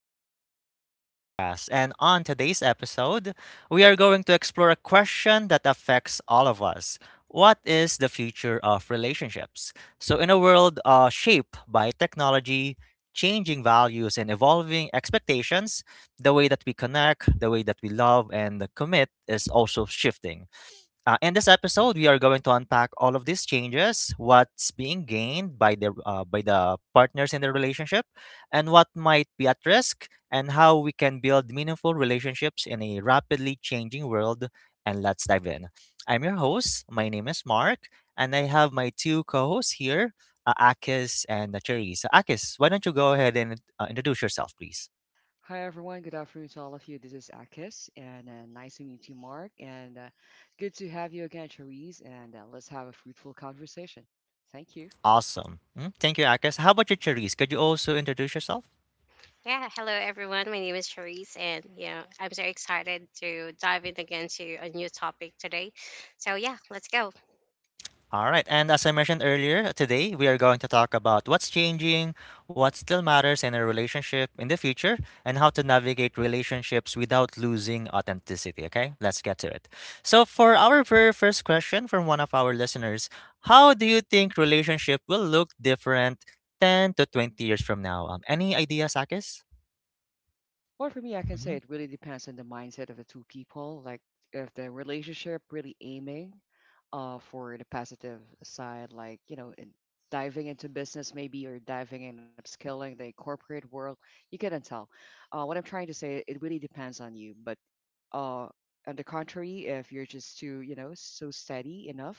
to the awesome podcast. And on today's episode, we are going to explore a question that affects all of us. What is the future of relationships? So, in a world shaped by technology, changing values, and evolving expectations, the way that we connect, the way that we love, and commit is also shifting. In this episode, we are going to unpack all of these changes, what's being gained by the partners in the relationship, and what might be at risk, and how we can build meaningful relationships in a rapidly changing world. And let's dive in. I'm your host. My name is Mark, and I have my two co-hosts here, Akis and Charisse. Akis, why don't you go ahead and introduce yourself, please? Hi everyone, good afternoon to all of you. This is Akis, and nice to meet you, Mark, and good to have you again, Cherise. And let's have a fruitful conversation. Thank you. Awesome. Mm, thank you, Akis. How about you, Charisse? Could you also introduce yourself? Yeah, hello everyone. My name is Charisse, and yeah, I'm so excited to dive in again to a new topic today. So yeah, let's go. All right. And as I mentioned earlier, today we are going to talk about what's changing, what still matters in a relationship in the future, and how to navigate relationships without losing authenticity. Okay, let's get to it. So, for our very first question from one of our listeners, how do you think relationship will look different 10 to 20 years from now? Any ideas, Akis? Well, for me, I can say Mm-hmm. it really depends on the mindset of the two people. Like, if the relationship really aiming for the positive side, like in diving into business maybe, or diving in upskilling the corporate world, you can tell. What I'm trying to say, it really depends on you. But Uh, on the contrary, if you're just too, so steady enough,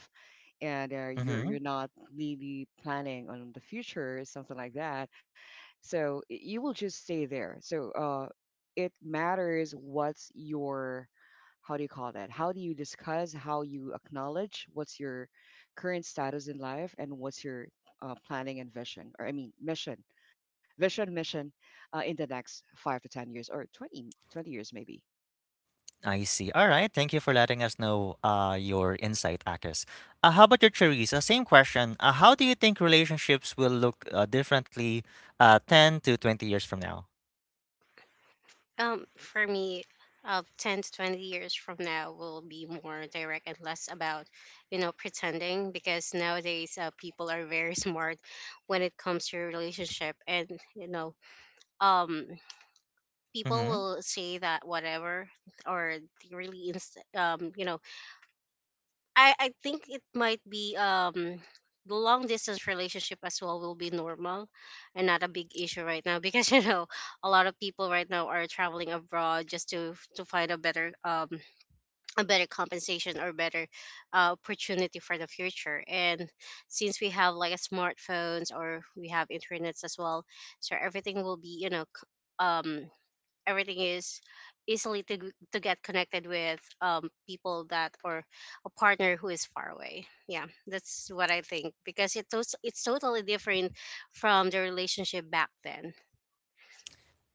and you're Mm-hmm. you're not really planning on the future, something like that, so you will just stay there. So it matters. What's your How do you call that? How do you discuss? How you acknowledge? What's your current status in life, and what's your planning and vision, or I mean mission, vision, mission, in the next 5 to 10 years, or twenty years maybe. I see. All right. Thank you for letting us know your insight, Akis. How about your Teresa? Same question. How do you think relationships will look differently 10 to 20 years from now? For me, 10 to 20 years from now will be more direct and less about, pretending because nowadays people are very smart when it comes to relationship, and you know, um, people Mm-hmm. will say that whatever or they really I think it might be the long distance relationship as well will be normal and not a big issue right now because a lot of people right now are traveling abroad just to find a better compensation or better opportunity for the future. And since we have like a smartphones or we have internets as well, so everything will be um everything is easily to to get connected with people that or a partner who is far away. Yeah, that's what I think, because it's totally different from the relationship back then.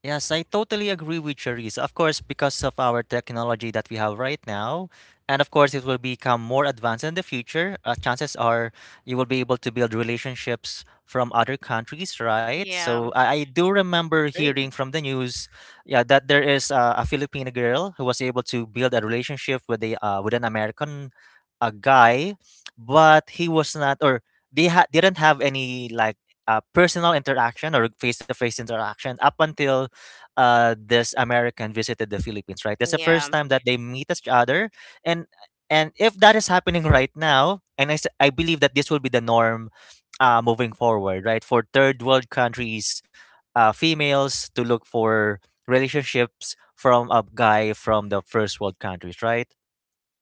Yes, I totally agree with Charisse. Of course, because of our technology that we have right now, and of course, it will become more advanced in the future. Chances are you will be able to build relationships from other countries, right? Yeah, So I do remember Great, hearing from the news, yeah, that there is a Filipino girl who was able to build a relationship with a with an American guy, but he was not, or they didn't have any like personal interaction or face to face interaction up until this American visited the Philippines, right? That's the yeah, first time that they meet each other, and and if that is happening right now, and I I believe that this will be the norm, moving forward, right? For third world countries, females to look for relationships from a guy from the first world countries, right?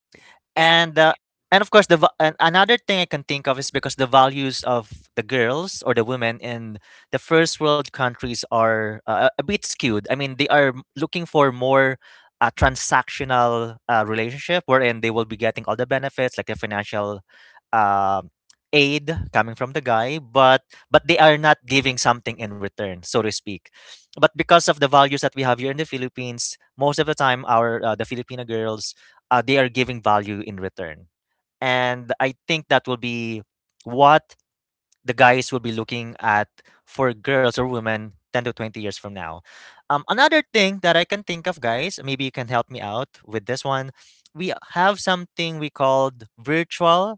great. yeah. And and of course the and another thing I can think of is because the values of the girls or the women in the first world countries are a bit skewed. I mean, they are looking for more transactional relationship wherein they will be getting all the benefits like the financial um aid coming from the guy, but they are not giving something in return, so to speak. But because of the values that we have here in the Philippines, most of the time our the Filipino girls they are giving value in return. And I think that will be what the guys will be looking at for girls or women 10 to 20 years from now. Another thing that I can think of, guys, maybe you can help me out with this one. We have something we called virtual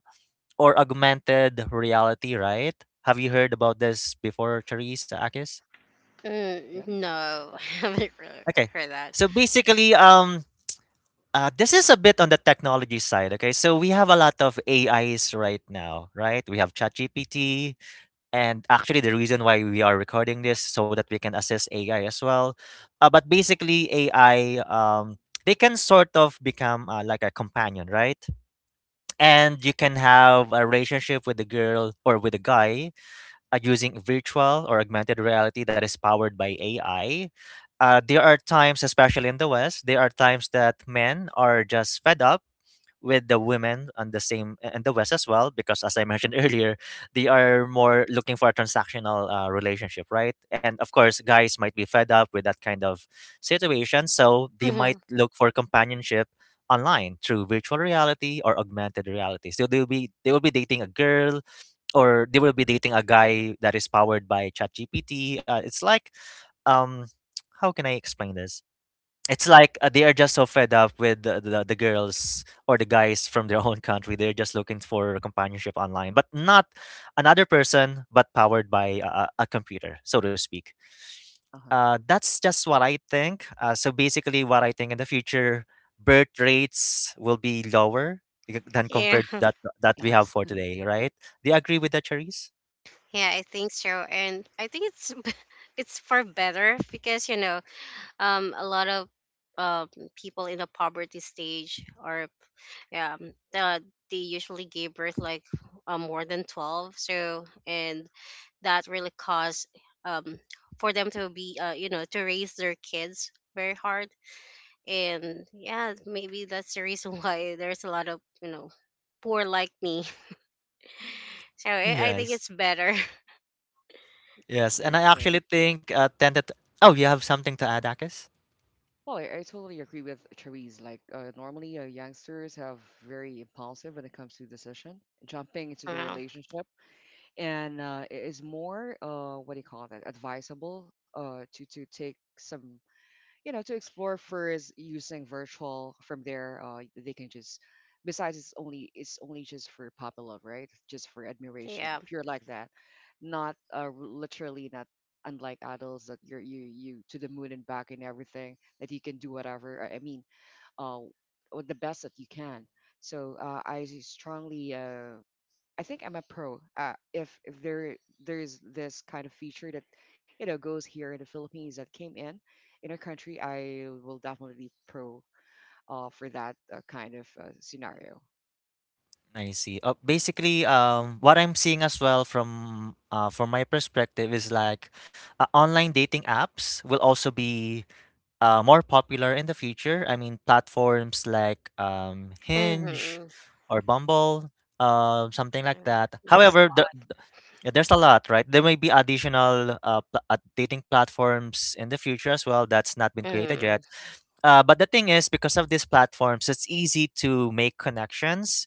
or augmented reality, right? Have you heard about this before, Charisse, Akis? Yeah, Mm, no. yes. Haven't really Okay. heard that. So basically, this is a bit on the technology side, okay? So we have a lot of AIs right now, right? We have ChatGPT, and actually the reason why we are recording this so that we can assess AI as well. But basically, AI, they can sort of become like a companion, right? And you Mhm, can have a relationship with a girl or with a guy using virtual or augmented reality that is powered by AI. There are mhm. times, especially in the West, there are times that men are just fed up with the women, and the same and the west as well, because as I mentioned earlier, they are more looking for a transactional relationship, right? And of course guys might be fed up with that kind of situation, so they might Hmm. look for companionship online through virtual reality or augmented reality. So they will be dating a girl or they will be dating a guy that is powered by ChatGPT. It's like um, how can I explain this? It's like they are just so fed up with the girls or the guys from their own country. They're just looking for companionship online, but not another person, but powered by a computer, so to speak. Uh-huh. That's just what I think. So basically what I think in the future, birth rates will be lower than Yeah. compared that that we have Yes, for today, right? Do you agree with that, Charisse? Yeah, I think so, and I think it's it's for better because a lot of um people in the poverty stage are um uh, they usually gave birth like, more than 12. So and that really caused um for them to be, you know, to raise their kids very hard. And yeah, maybe that's the reason why there's a lot of, you know, poor like me. So I think Yes. it's better. Yes, and I I agree. actually think tend to. Oh, you have something to add, Akis? Well, I totally agree with Therese. Like, normally, youngsters have very impulsive when it comes to decision, jumping into the uh, relationship, and it is more, what do you call that, advisable to take some, to explore first using virtual. From there, they can just, besides, it's only, just for puppy love, right? Just for yeah. admiration, pure, like that. Not literally not, unlike adults that you to the moon and back and everything that you can do whatever, I mean, uh with the best that you can. So I think I'm a pro. If there's this kind of feature that goes here in the Philippines, that came in our country, I will definitely be pro for that kind of scenario. I see. Basically, what I'm seeing as well from my perspective is like online dating apps will also be more popular in the future. I mean, platforms like Hinge Mm-hmm. or Bumble, something like uh, that. there's a However, lot. There's a lot, right? There may be additional dating platforms in the future as well that's not been created yet. Mm-hmm. But the thing is, because of these platforms, it's easy to make connections.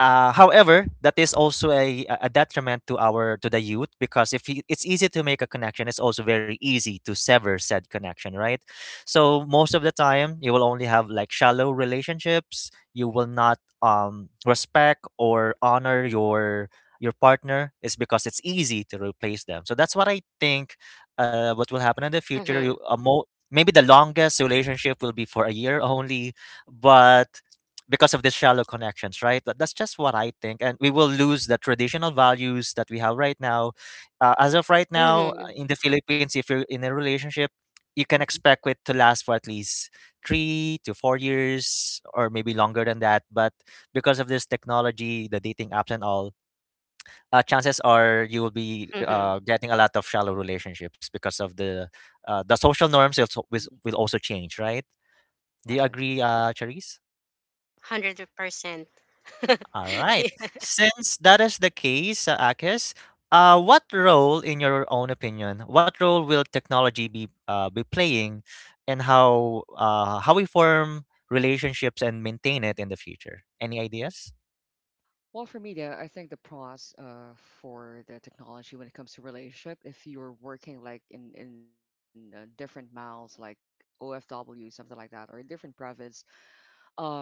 However, that is also a detriment to our to the youth, because if you, it's easy to make a connection, it's also very easy to sever said connection, right? So most of the time, you will only have like shallow relationships. You will not respect or honor your partner is because it's easy to replace them. So that's what I think. What will happen in the future? Mm-hmm. Maybe the longest relationship will be for a year only, but because of these shallow connections, right? That's just what I think, and we will lose the traditional values that we have right now. As of right now, Mm-hmm. In the Philippines, if you're in a relationship, you can Hmm. expect it to last for at least 3 to 4 years, or maybe longer than that. But because of this technology, the dating apps and all, chances are you will be Mm-hmm. Getting a lot of shallow relationships because of the social Yeah, norms also, hmm, will also change, right? Do you exactly. agree, Charisse? 100%. All right. Yeah. Since that is the case, Akis, what role, in your own opinion, what role will technology be playing, and how we form relationships and maintain it in the future? Any ideas? Well, for me, I think the pros, for the technology when it comes to relationship, if you're working like in different miles, like OFW, something like that, or in different province, um,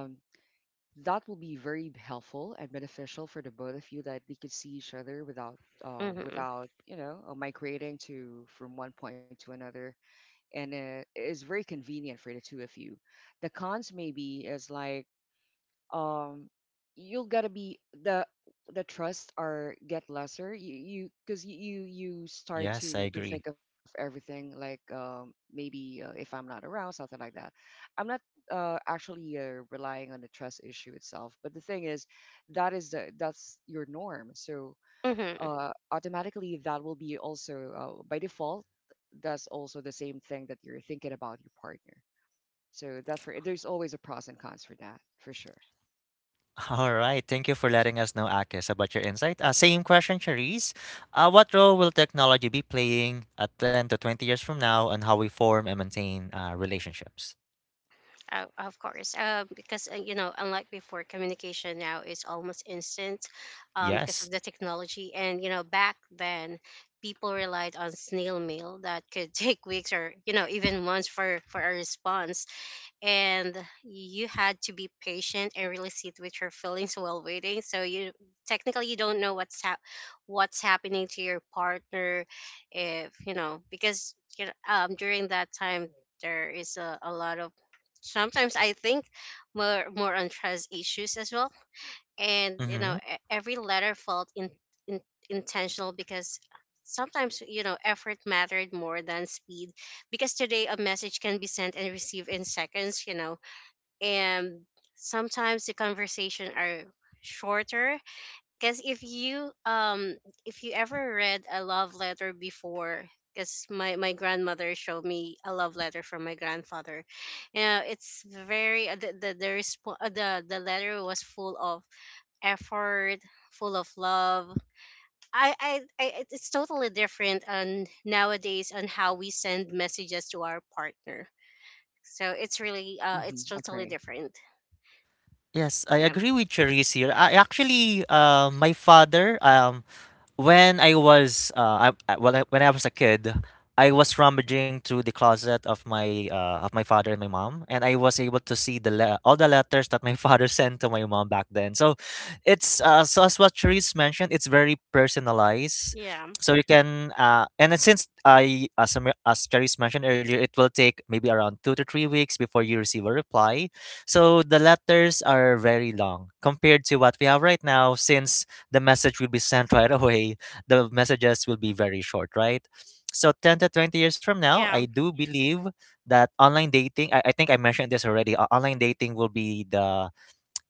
that will be very helpful and beneficial for the both of you, that we could see each other without Mm-hmm. Migrating to from one point to another. And it's very convenient for the two of you. The cons maybe is like, um you'll gotta be the trust are get lesser. You Because you start Yes, I to agree. think of everything, like maybe, if I'm not around, something like that. I'm not actually relying on the trust issue itself. But the thing is, that is the, that's your norm. So Mm-hmm. Automatically, that will be also by default. That's also the same thing that you're thinking about your partner. So that's for, there's always a pros and cons for that, for sure. All right. Thank you for letting us know, Akis, about your insight. Same question, Charisse. What role will technology be playing at 10 to 20 years from now, and how we form and maintain relationships? Of course. Because, you know, unlike before, communication now is almost instant, because of Yes. the technology. And, you know, back then, people relied on snail mail that could take weeks or, you know, even months for, a response. And you had to be patient and really sit with your feelings while waiting. So you, technically you don't know what's happening to your partner, if you know, because you know, during that time there is a lot of, sometimes I think more on trust issues as well. And you know Mm-hmm. Every letter felt in, intentional, because sometimes, you know, effort mattered more than speed, because today a message can be sent and received in seconds, you know. And sometimes the conversation are shorter, because if you ever read a love letter before, because my grandmother showed me a love letter from my grandfather. It's very, the letter was full of effort, full of love. It's totally different on nowadays on how we send messages to our partner. So it's really, it's Mhm, totally agree. different. Yes, I Yeah, agree with Cherise here. I actually, my father, when I was when I was a kid, I was rummaging through the closet of my father and my mom, and I was able to see all the letters that my father sent to my mom back then. So, it's so as what Therese mentioned, it's very personalized. yeah, So you can and then since I as Therese mentioned earlier, it will take maybe around 2 to 3 weeks before you receive a reply. So the letters are very long compared to what we have right now, since the message will be sent right away. The messages will be very short, right? So 10 to 20 years from now, I yeah. do believe that online dating, I think I mentioned this already, online dating will be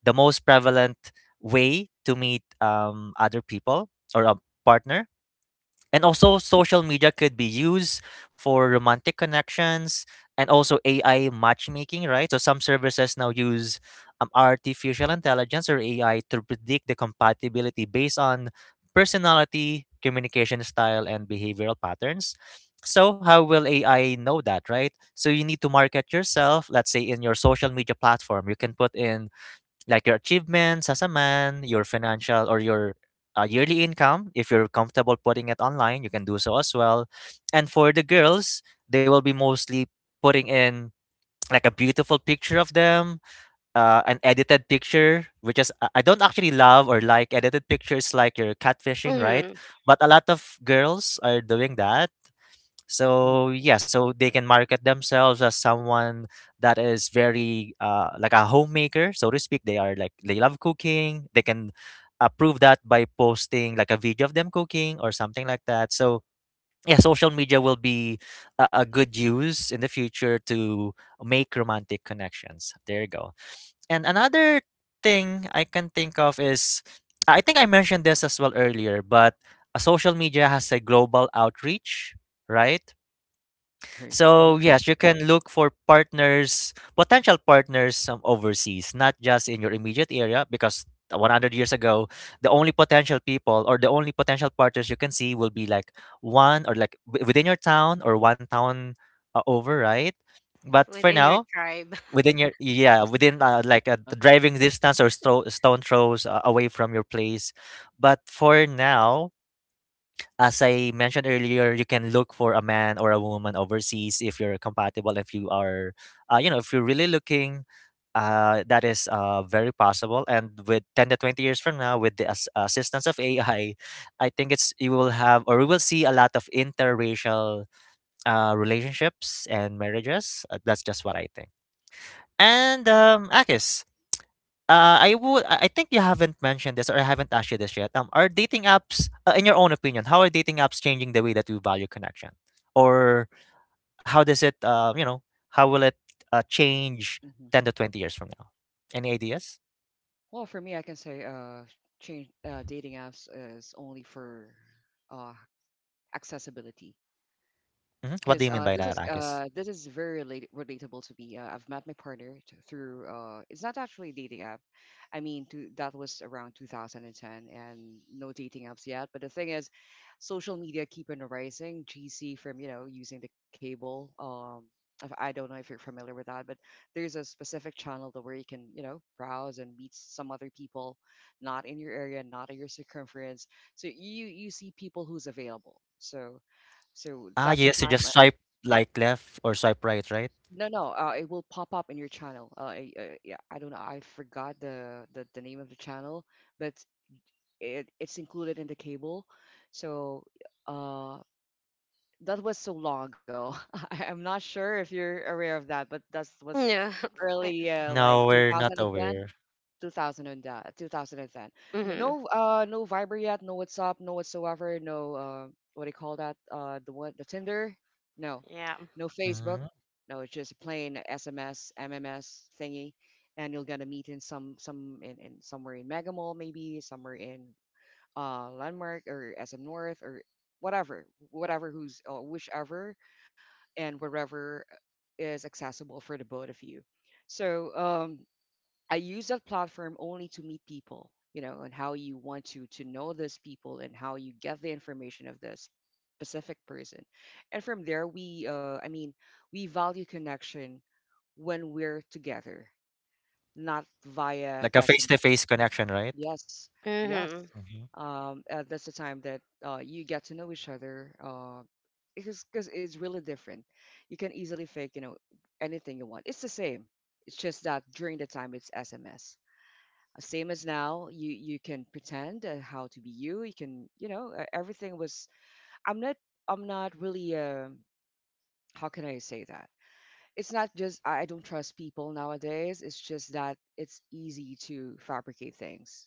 the most prevalent way to meet other people or a partner, and Mhm, also, social media could be used for romantic connections, and also AI matchmaking, right? So, some services now use artificial intelligence or AI to predict the compatibility based on personality, communication style, and behavioral patterns. So, how will AI know that, right? So, you need to market yourself, let's say in your social media platform. You can put in like your achievements as a man, your financial or your yearly income. If you're comfortable putting it online, you can do so as well. And for the girls, they will be mostly putting in like a beautiful picture of them, an edited picture, which is I don't actually love or like edited pictures like your catfishing, right? Hmm. But a lot of girls are doing that mhm, so yeah, so they can market themselves as someone that is very like a homemaker, so to speak. They are like, they love cooking. They can prove that by posting like a video of them cooking or something like that. So yeah, social media will be a good use in the future to make romantic connections. There you go. And another thing I can think of is I think I mentioned this as well earlier, but social media has a global outreach, right? agree. So Mhm, yes, you can look for partners, potential partners overseas, not just in your immediate area, because 100 years ago, the only potential people or the only potential partners you can see will be like one or like within your town or one town over, right? But for Within your now, tribe. within your, yeah, within like a uh, driving distance or stone throws away from your place. But for now, as I mentioned earlier, you can look for a man or a woman overseas if you're compatible. If you are, if you're really looking, that is very possible. And with 10 to 20 years from now, with the assistance of AI, I think it's you will have or we will see a lot of interracial relationships and marriages. That's just what I think. And Akis, mhm, I would I think you haven't mentioned this or I haven't asked you this yet. Are dating apps, in your own opinion, how are dating apps changing the way that you value connection? Or how does it, how will it change mhm. 10 to 20 years from now? Any ideas? Well, for me, I can say change dating apps is only for uh, accessibility. Hmm. Because What do you mean by that, Akis? this is very relate relatable to me. I've met my partner through, it's not actually a dating app. I mean, to, that was around 2010, and no dating apps yet. But the thing is, social media keep on rising. GC from using the cable. I don't know if you're familiar with that, but there's a specific channel that, where you can browse and meet some other people, not in your area, not in your circumference. So you see people who's available. So Ah, that's the yes, you time. just swipe like left or swipe right, right? No, no, it will pop up in your channel. Yeah, I don't know. I forgot the, the name of the channel, but it's included in the cable. So, uh, that was so long ago. I'm not sure if you're aware of that, but that was Yeah. early, like No, we're not 2010. aware. 2000 and 2010. No, Hmm. No Viber yet. No WhatsApp. No whatsoever. No, what do you call that? The what? The Tinder? No, Yeah. no Facebook. Hmm. No, it's just plain SMS, MMS thingy, and you're gonna meet in some in somewhere in Mega Mall, maybe somewhere in Landmark or SM North, or whatever, who's whichever and wherever is accessible for the both of you. So I use that platform only to meet people, and how you want to know those people, and how you get the information of this specific person. And from there, we, I mean, we value connection when we're together, not via Like a SMS. face-to-face connection, right? Yes, yes. Hmm. Hmm. That's the time that you get to know each other. Because cause it's really different. You can easily fake, anything you want. It's the same. It's just that during the time it's SMS, same as now. You can pretend how to be you can everything was, I'm not, really, how can I say that? It's not just, I don't trust people nowadays. It's just that it's easy to fabricate things.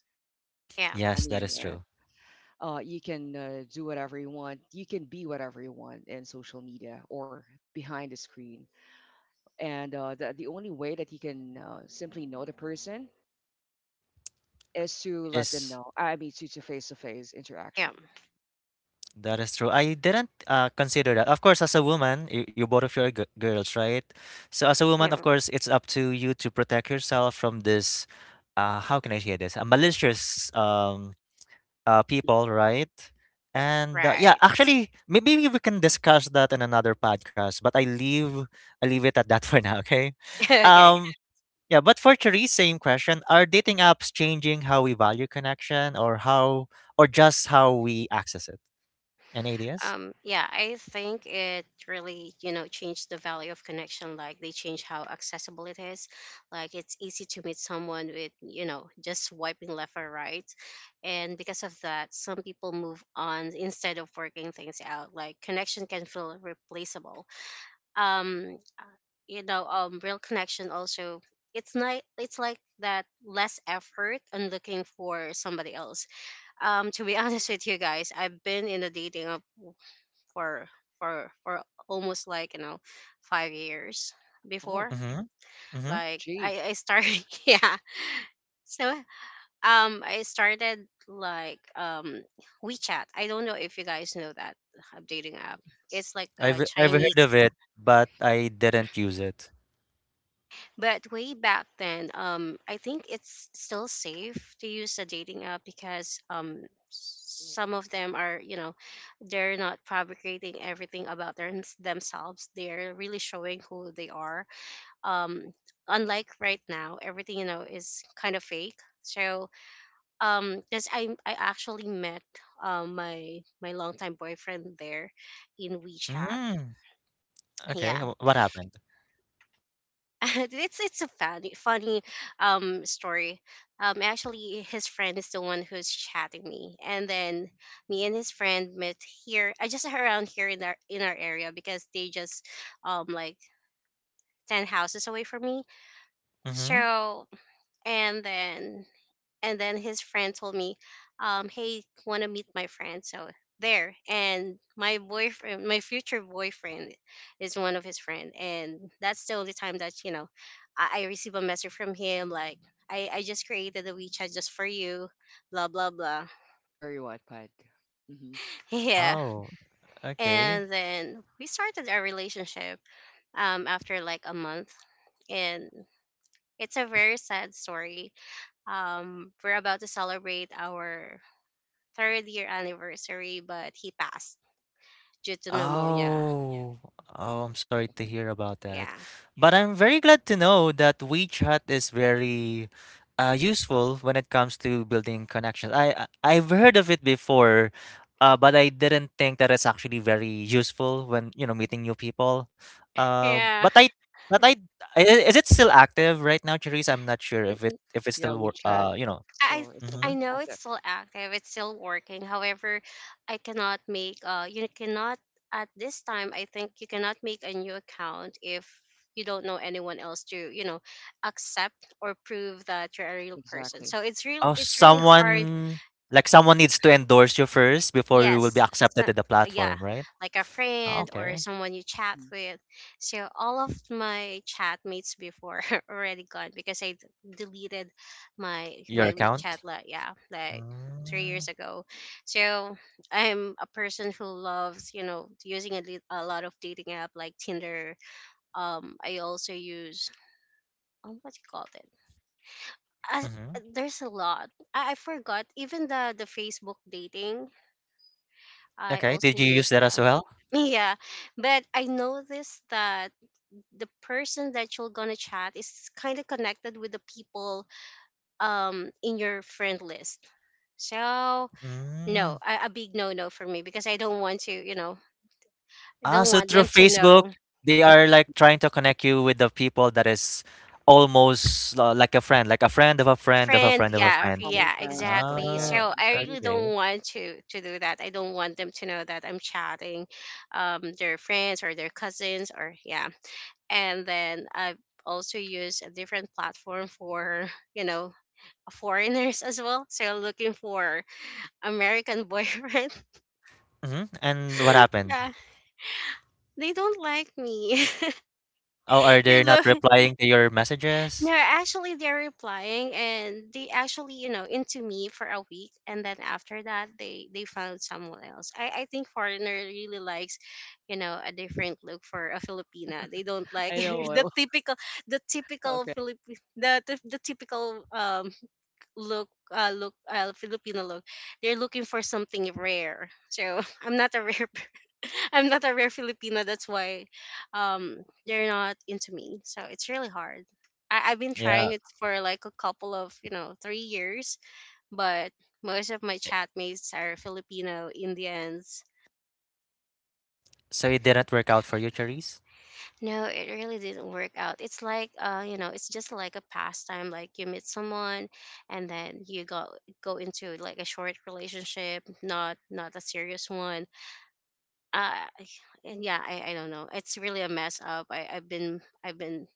Yeah. i Yes, mean that is uh, true. You can do whatever you want. You can be whatever you want in social media or behind the screen. And the only way that you can simply know the person is to let them Is know, I mean, to face interaction. Yeah. that is true. I didn't consider that. Of course, as a woman, you, both of you are girls, right? So as a woman, of Yeah. course, it's up to you to protect yourself from this. How can I say this? Malicious people, right? And yeah, Right. actually, maybe we can discuss that in another podcast. But I leave it at that for now. Okay. Okay. Um. Yeah, but for Therese, same question. Are dating apps changing how we value connection or how or just how we access it? Any ideas? Yeah, I think it really, changed the value of connection. Like they changed how accessible it is. Like it's easy to meet someone with, just swiping left or right. And because of that, some people move on instead of working things out. Like connection can feel replaceable. Um, uh, real connection also. It's not. It's like that less effort on looking for somebody else, to be honest with you guys. I've been in a dating app for for almost like, you know, 5 years Oh, before. Mhm, mhm. Like OG. I started. Yeah. So I started like, WeChat. I don't know if you guys know that, dating app. It's Yes, like I've a I've heard of Chinese. it, but I didn't use it. But way back then, I think it's still safe to use a dating app because some of them are, you know, they're not fabricating everything about themselves. They're really showing who they are. um Unlike right now, everything, you know, is kind of fake. So because I actually met, my longtime boyfriend there in WeChat. Mm, okay, Yeah. wh what happened? It's a funny story. Actually, his friend is the one who's chatting me, and then me and his friend met here. I just around here in our, area because they just, like 10 houses away from me. Mhm. So, and then, his friend told me, "Hey, want to meet my friend?" So there, and my boyfriend, my future boyfriend, is one of his friend, and that's the only time that you know I receive a message from him, like, I just created a WeChat just for you, blah blah blah." very widespread. Mm-hmm. Yeah, Oh, okay. and then we started our relationship, after like a month. And it's a very sad story. We're about to celebrate our third year anniversary, but he passed due to pneumonia. Oh, oh, I'm Oh, sorry to okay. hear about that. Yeah. But I'm very glad to know that WeChat is very useful when it comes to building connections. I've heard of it before, but I didn't think that it's actually very useful when, you know, meeting new people. Uh, Mhm. Yeah. but I but I is it still active right now, Cherise? I'm not sure Yeah, if it if it's yeah, still work. WeChat You know. I still it's a I Mm-hmm. work know it's active. still active, it's still working. However, I cannot make you cannot, at this time I think you cannot make a new account if you don't know anyone else to, you know, accept or prove that you're a real person. So Exactly. Oh, it's really Mm-hmm. hard. someone like someone needs to endorse you first before you will Yes, be accepted some, to the yeah, platform, right? like a Ah, friend or okay. someone you chat Hmm, with. So all of my chat mates before already gone because deleted my Your my WeChat, account? like, yeah, like three Mm, years ago. So I'm a person who loves, you know, using a lot of dating app like Tinder. I also use, what you call it. I, mhm. there's a lot. I forgot even the Facebook dating. I Okay, also did you use use that as that. well? Yeah, but I noticed that the person that you're gonna chat is kind of connected with the people, in your friend list. So no, Mm. A big no no for me, because I don't want to, you know, I Ah, don't so want through them to Facebook, know. they are like trying to connect you with the people that is almost like a friend of a friend of a Friend, friend of a yeah, friend. yeah, common friends, something exactly. like Ah, that. So I Mhm, really okay. mutual. don't want to do that. I don't want them to know that I'm chatting, their friends or their cousins, or yeah. And then I also use a different platform for, you know, foreigners as well. So looking for American boyfriend. Hmm. And what happened? Yeah, they don't like me. Oh, are they're they not look. replying to your No, messages? actually they're replying, and they actually, you know, into me for a week, and then after that they found someone else. I think foreigner really likes, you know, a different look for a Filipina. They don't like I know. I the will. typical, the typical Okay. Filipino the typical, look, look, Filipino look. They're looking for something rare. So I'm not a rare per- I'm not a rare Filipina. That's why, they're not into me. So it's really hard. I've been Yeah. trying it for like a couple of, you know, 3 years, but most of my chatmates are Filipino, Indians. So it didn't work out for you, Charisse? No, it really didn't work out. It's like, you know, it's just like a pastime. Like you meet someone, and then you go into like a short relationship, not a serious one. Uh, and yeah, I don't know. It's really a mess up. I I've been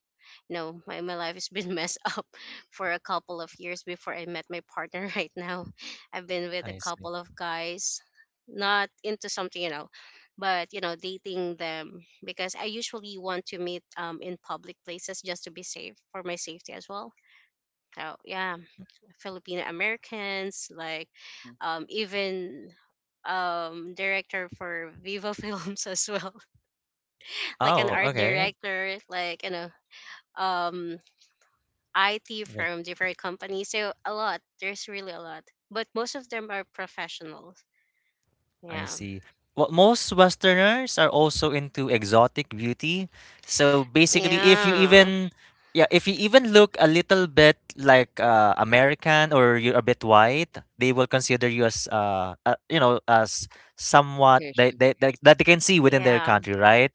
No, my life has been messed up for a couple of years before I met my partner right now. I've been with a I see. couple of guys, not into something, you know, but, you know, dating them because I usually want to meet, in public places just to be safe for my safety as well. So, yeah, Filipino Americans, like, Hmm. Even, director for Viva Films as well, like Oh, an Oh, art okay. director, like, you know, um IT Okay, from different companies. So a lot. There's really a lot. But most of them are professionals. I Yeah. see. Well, most Westerners are also into exotic beauty. So basically, if you Yeah. even, yeah, if you even look a little bit like American or you're a bit white, they will consider you as, you know, as somewhat vacation. That they can see within their Yeah. country, right?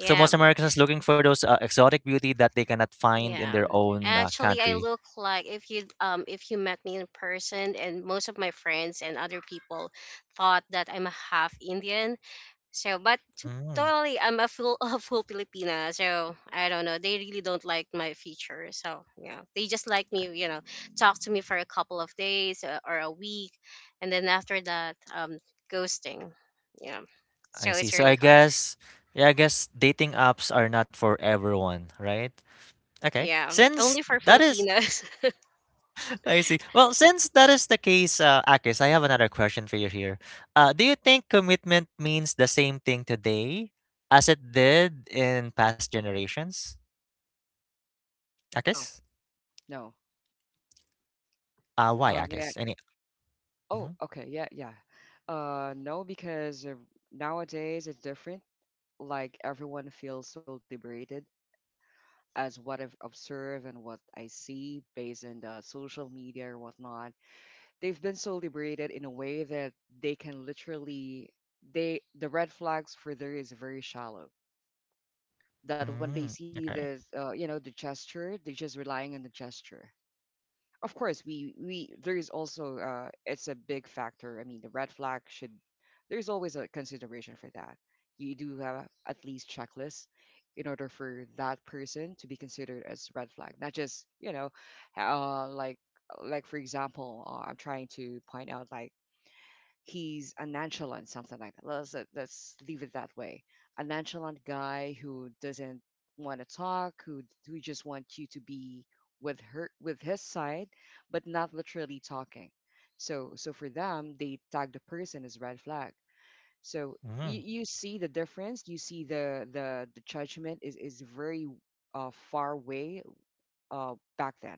So most Americans looking for those exotic beauty that they cannot find in Yeah. their own Actually I country. look like, if you met me in person, and most of my friends and other people thought that I'm a half Indian. So, but Mm. totally, I'm a full a full Filipina. So I don't know. They really don't like my feature. So yeah, they just like me. You know, talk to me for a couple of days, or a week, and then after that, ghosting. Yeah. I So see. it's So really I hard. guess, yeah, I guess dating apps are not for everyone, right? Okay. Yeah, Since only for that is, Filipinas. I see. Well, since that is the case, Akis, I have another question for you here. Do you think commitment means the same thing today as it did in past generations? No, Akis? no. Why, Yeah. Akis? Any? Oh, Mm-hmm. okay. Yeah, yeah. No, because nowadays it's different. Like everyone feels so liberated, as what I've observed and what I see based on the social media or whatnot. They've been so liberated in a way that they can literally, the red flags for there is very shallow. That when they Mm, see okay. this, the gesture, they're just relying on the gesture. Of course, we there is also, it's a big factor. I mean, the red flag should, there's always a consideration for that. You do have at least checklists in order for that person to be considered as red flag, not just like, for example, I'm trying to point out, like, he's a nonchalant, something like that. Let's let's leave it that way. A nonchalant guy who doesn't want to talk, who just wants you to be with her, with his side, but not literally talking. So for them, they tag the person as red flag. So, Mm-hmm. You see the difference. You see the the judgment is very far away. Back then,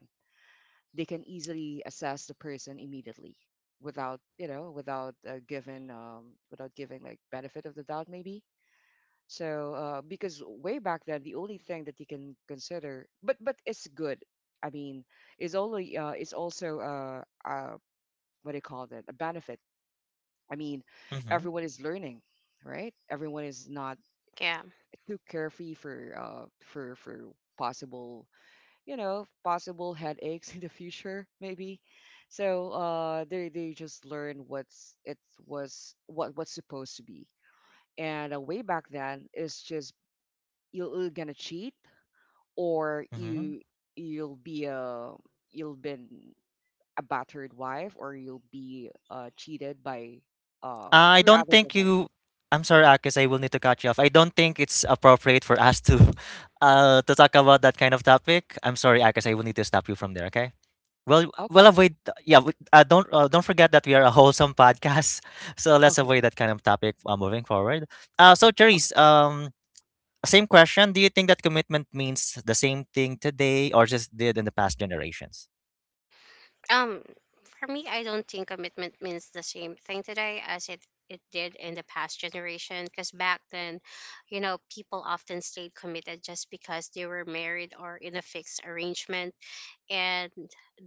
they can easily assess the person immediately, without without giving, without giving like benefit of the doubt, maybe. So because way back then, the only thing that you can consider, but it's good, I mean, is only is also, uh, what do you call that, a benefit, I mean, Mm-hmm. everyone is learning, right? Everyone is not Yeah. too carefree for possible, possible headaches in the future, maybe. So they just learn what's it was, what's supposed to be. And way back then, it's just you're either gonna cheat, or Mm-hmm. you, you'll be a, you'll been a battered wife, or you'll be cheated by I three don't other think women. you. I'm sorry, Akis. I will need to cut you off. I don't think it's appropriate for us to, to talk about that kind of topic. I'm sorry, Akis. I will need to stop you from there. Okay. Well, Okay, well, avoid. Yeah, don't forget that we are a wholesome podcast, so let's okay. avoid that kind of topic moving forward. So, Okay. Therese, same question. Do you think that commitment means the same thing today or just did in the past generations? Um, for me, I don't think commitment means the same thing today as it did in the past generation. Because back then, you know, people often stayed committed just because they were married or in a fixed arrangement, and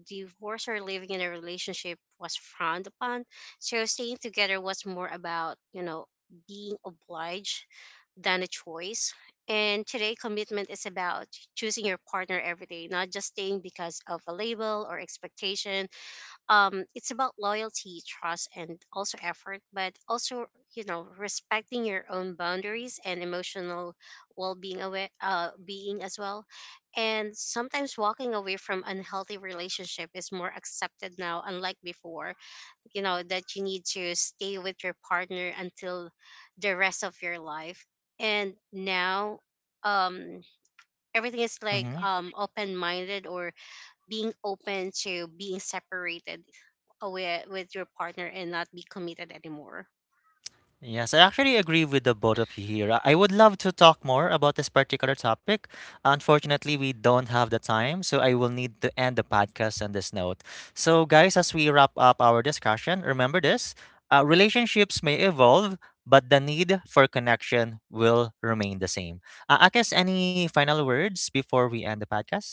divorce or living in a relationship was frowned upon. So staying together was more about, you know, being obliged than a choice. And today, commitment is about choosing your partner every day, not just staying because of a label or expectation. It's about loyalty, trust, and also effort, but also, you know, respecting your own boundaries and emotional well-being, aware, being as well. And sometimes walking away from unhealthy relationship is more accepted now, unlike before. You know that you need to stay with your partner until the rest of your life. And now, um everything is like, Mhm. Open minded, or being open to being separated with, your partner, and not be committed anymore. Yes, I actually agree with the both of you here. I would love to talk more about this particular topic. Unfortunately, we don't have the time, so I will need to end the podcast on this note. So, guys, as we wrap up our discussion, remember this relationships may evolve, but the need for connection will remain the same. Akis, any final words before we end the podcast?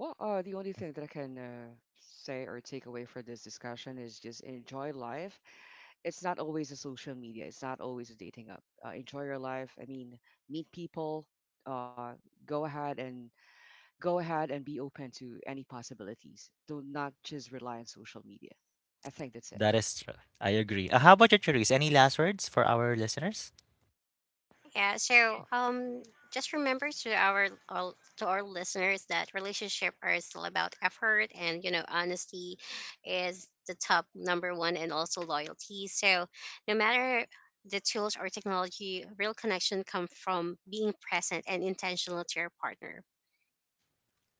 Well, the only thing that I can say or take away for this discussion is, just enjoy life. It's not always a social media. It's not always a dating app. Enjoy your life. I mean, meet people. Uh, go ahead and be open to any possibilities. Do not just rely on social media. I think that's it. That is true. I agree. How about you, Therese? Any last words for our listeners? Yeah, so, just remember to our to our listeners that relationship are still about effort, and, you know, honesty is the top number one, and also loyalty. So no matter the tools or technology, real connection come from being present and intentional to your partner.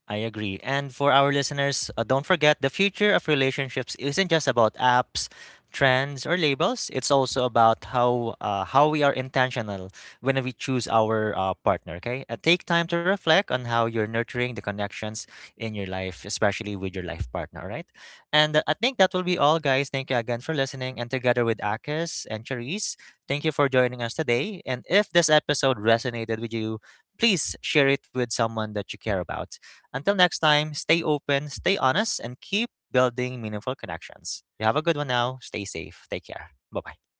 I agree. And for our listeners, don't forget the future of relationships isn't just about apps, trends, or labels. It's also about how we are intentional when we choose our partner. Okay, take time to reflect on how you're nurturing the connections in your life, especially with your life partner. All right. And I think that will be all, guys. Thank you again for listening. And together with Akis and Charisse, thank you for joining us today. And if this episode resonated with you, please share it with someone that you care about. Until next time, stay open, stay honest, and keep building meaningful connections. You have a good one now. Stay safe. Take care. Bye bye.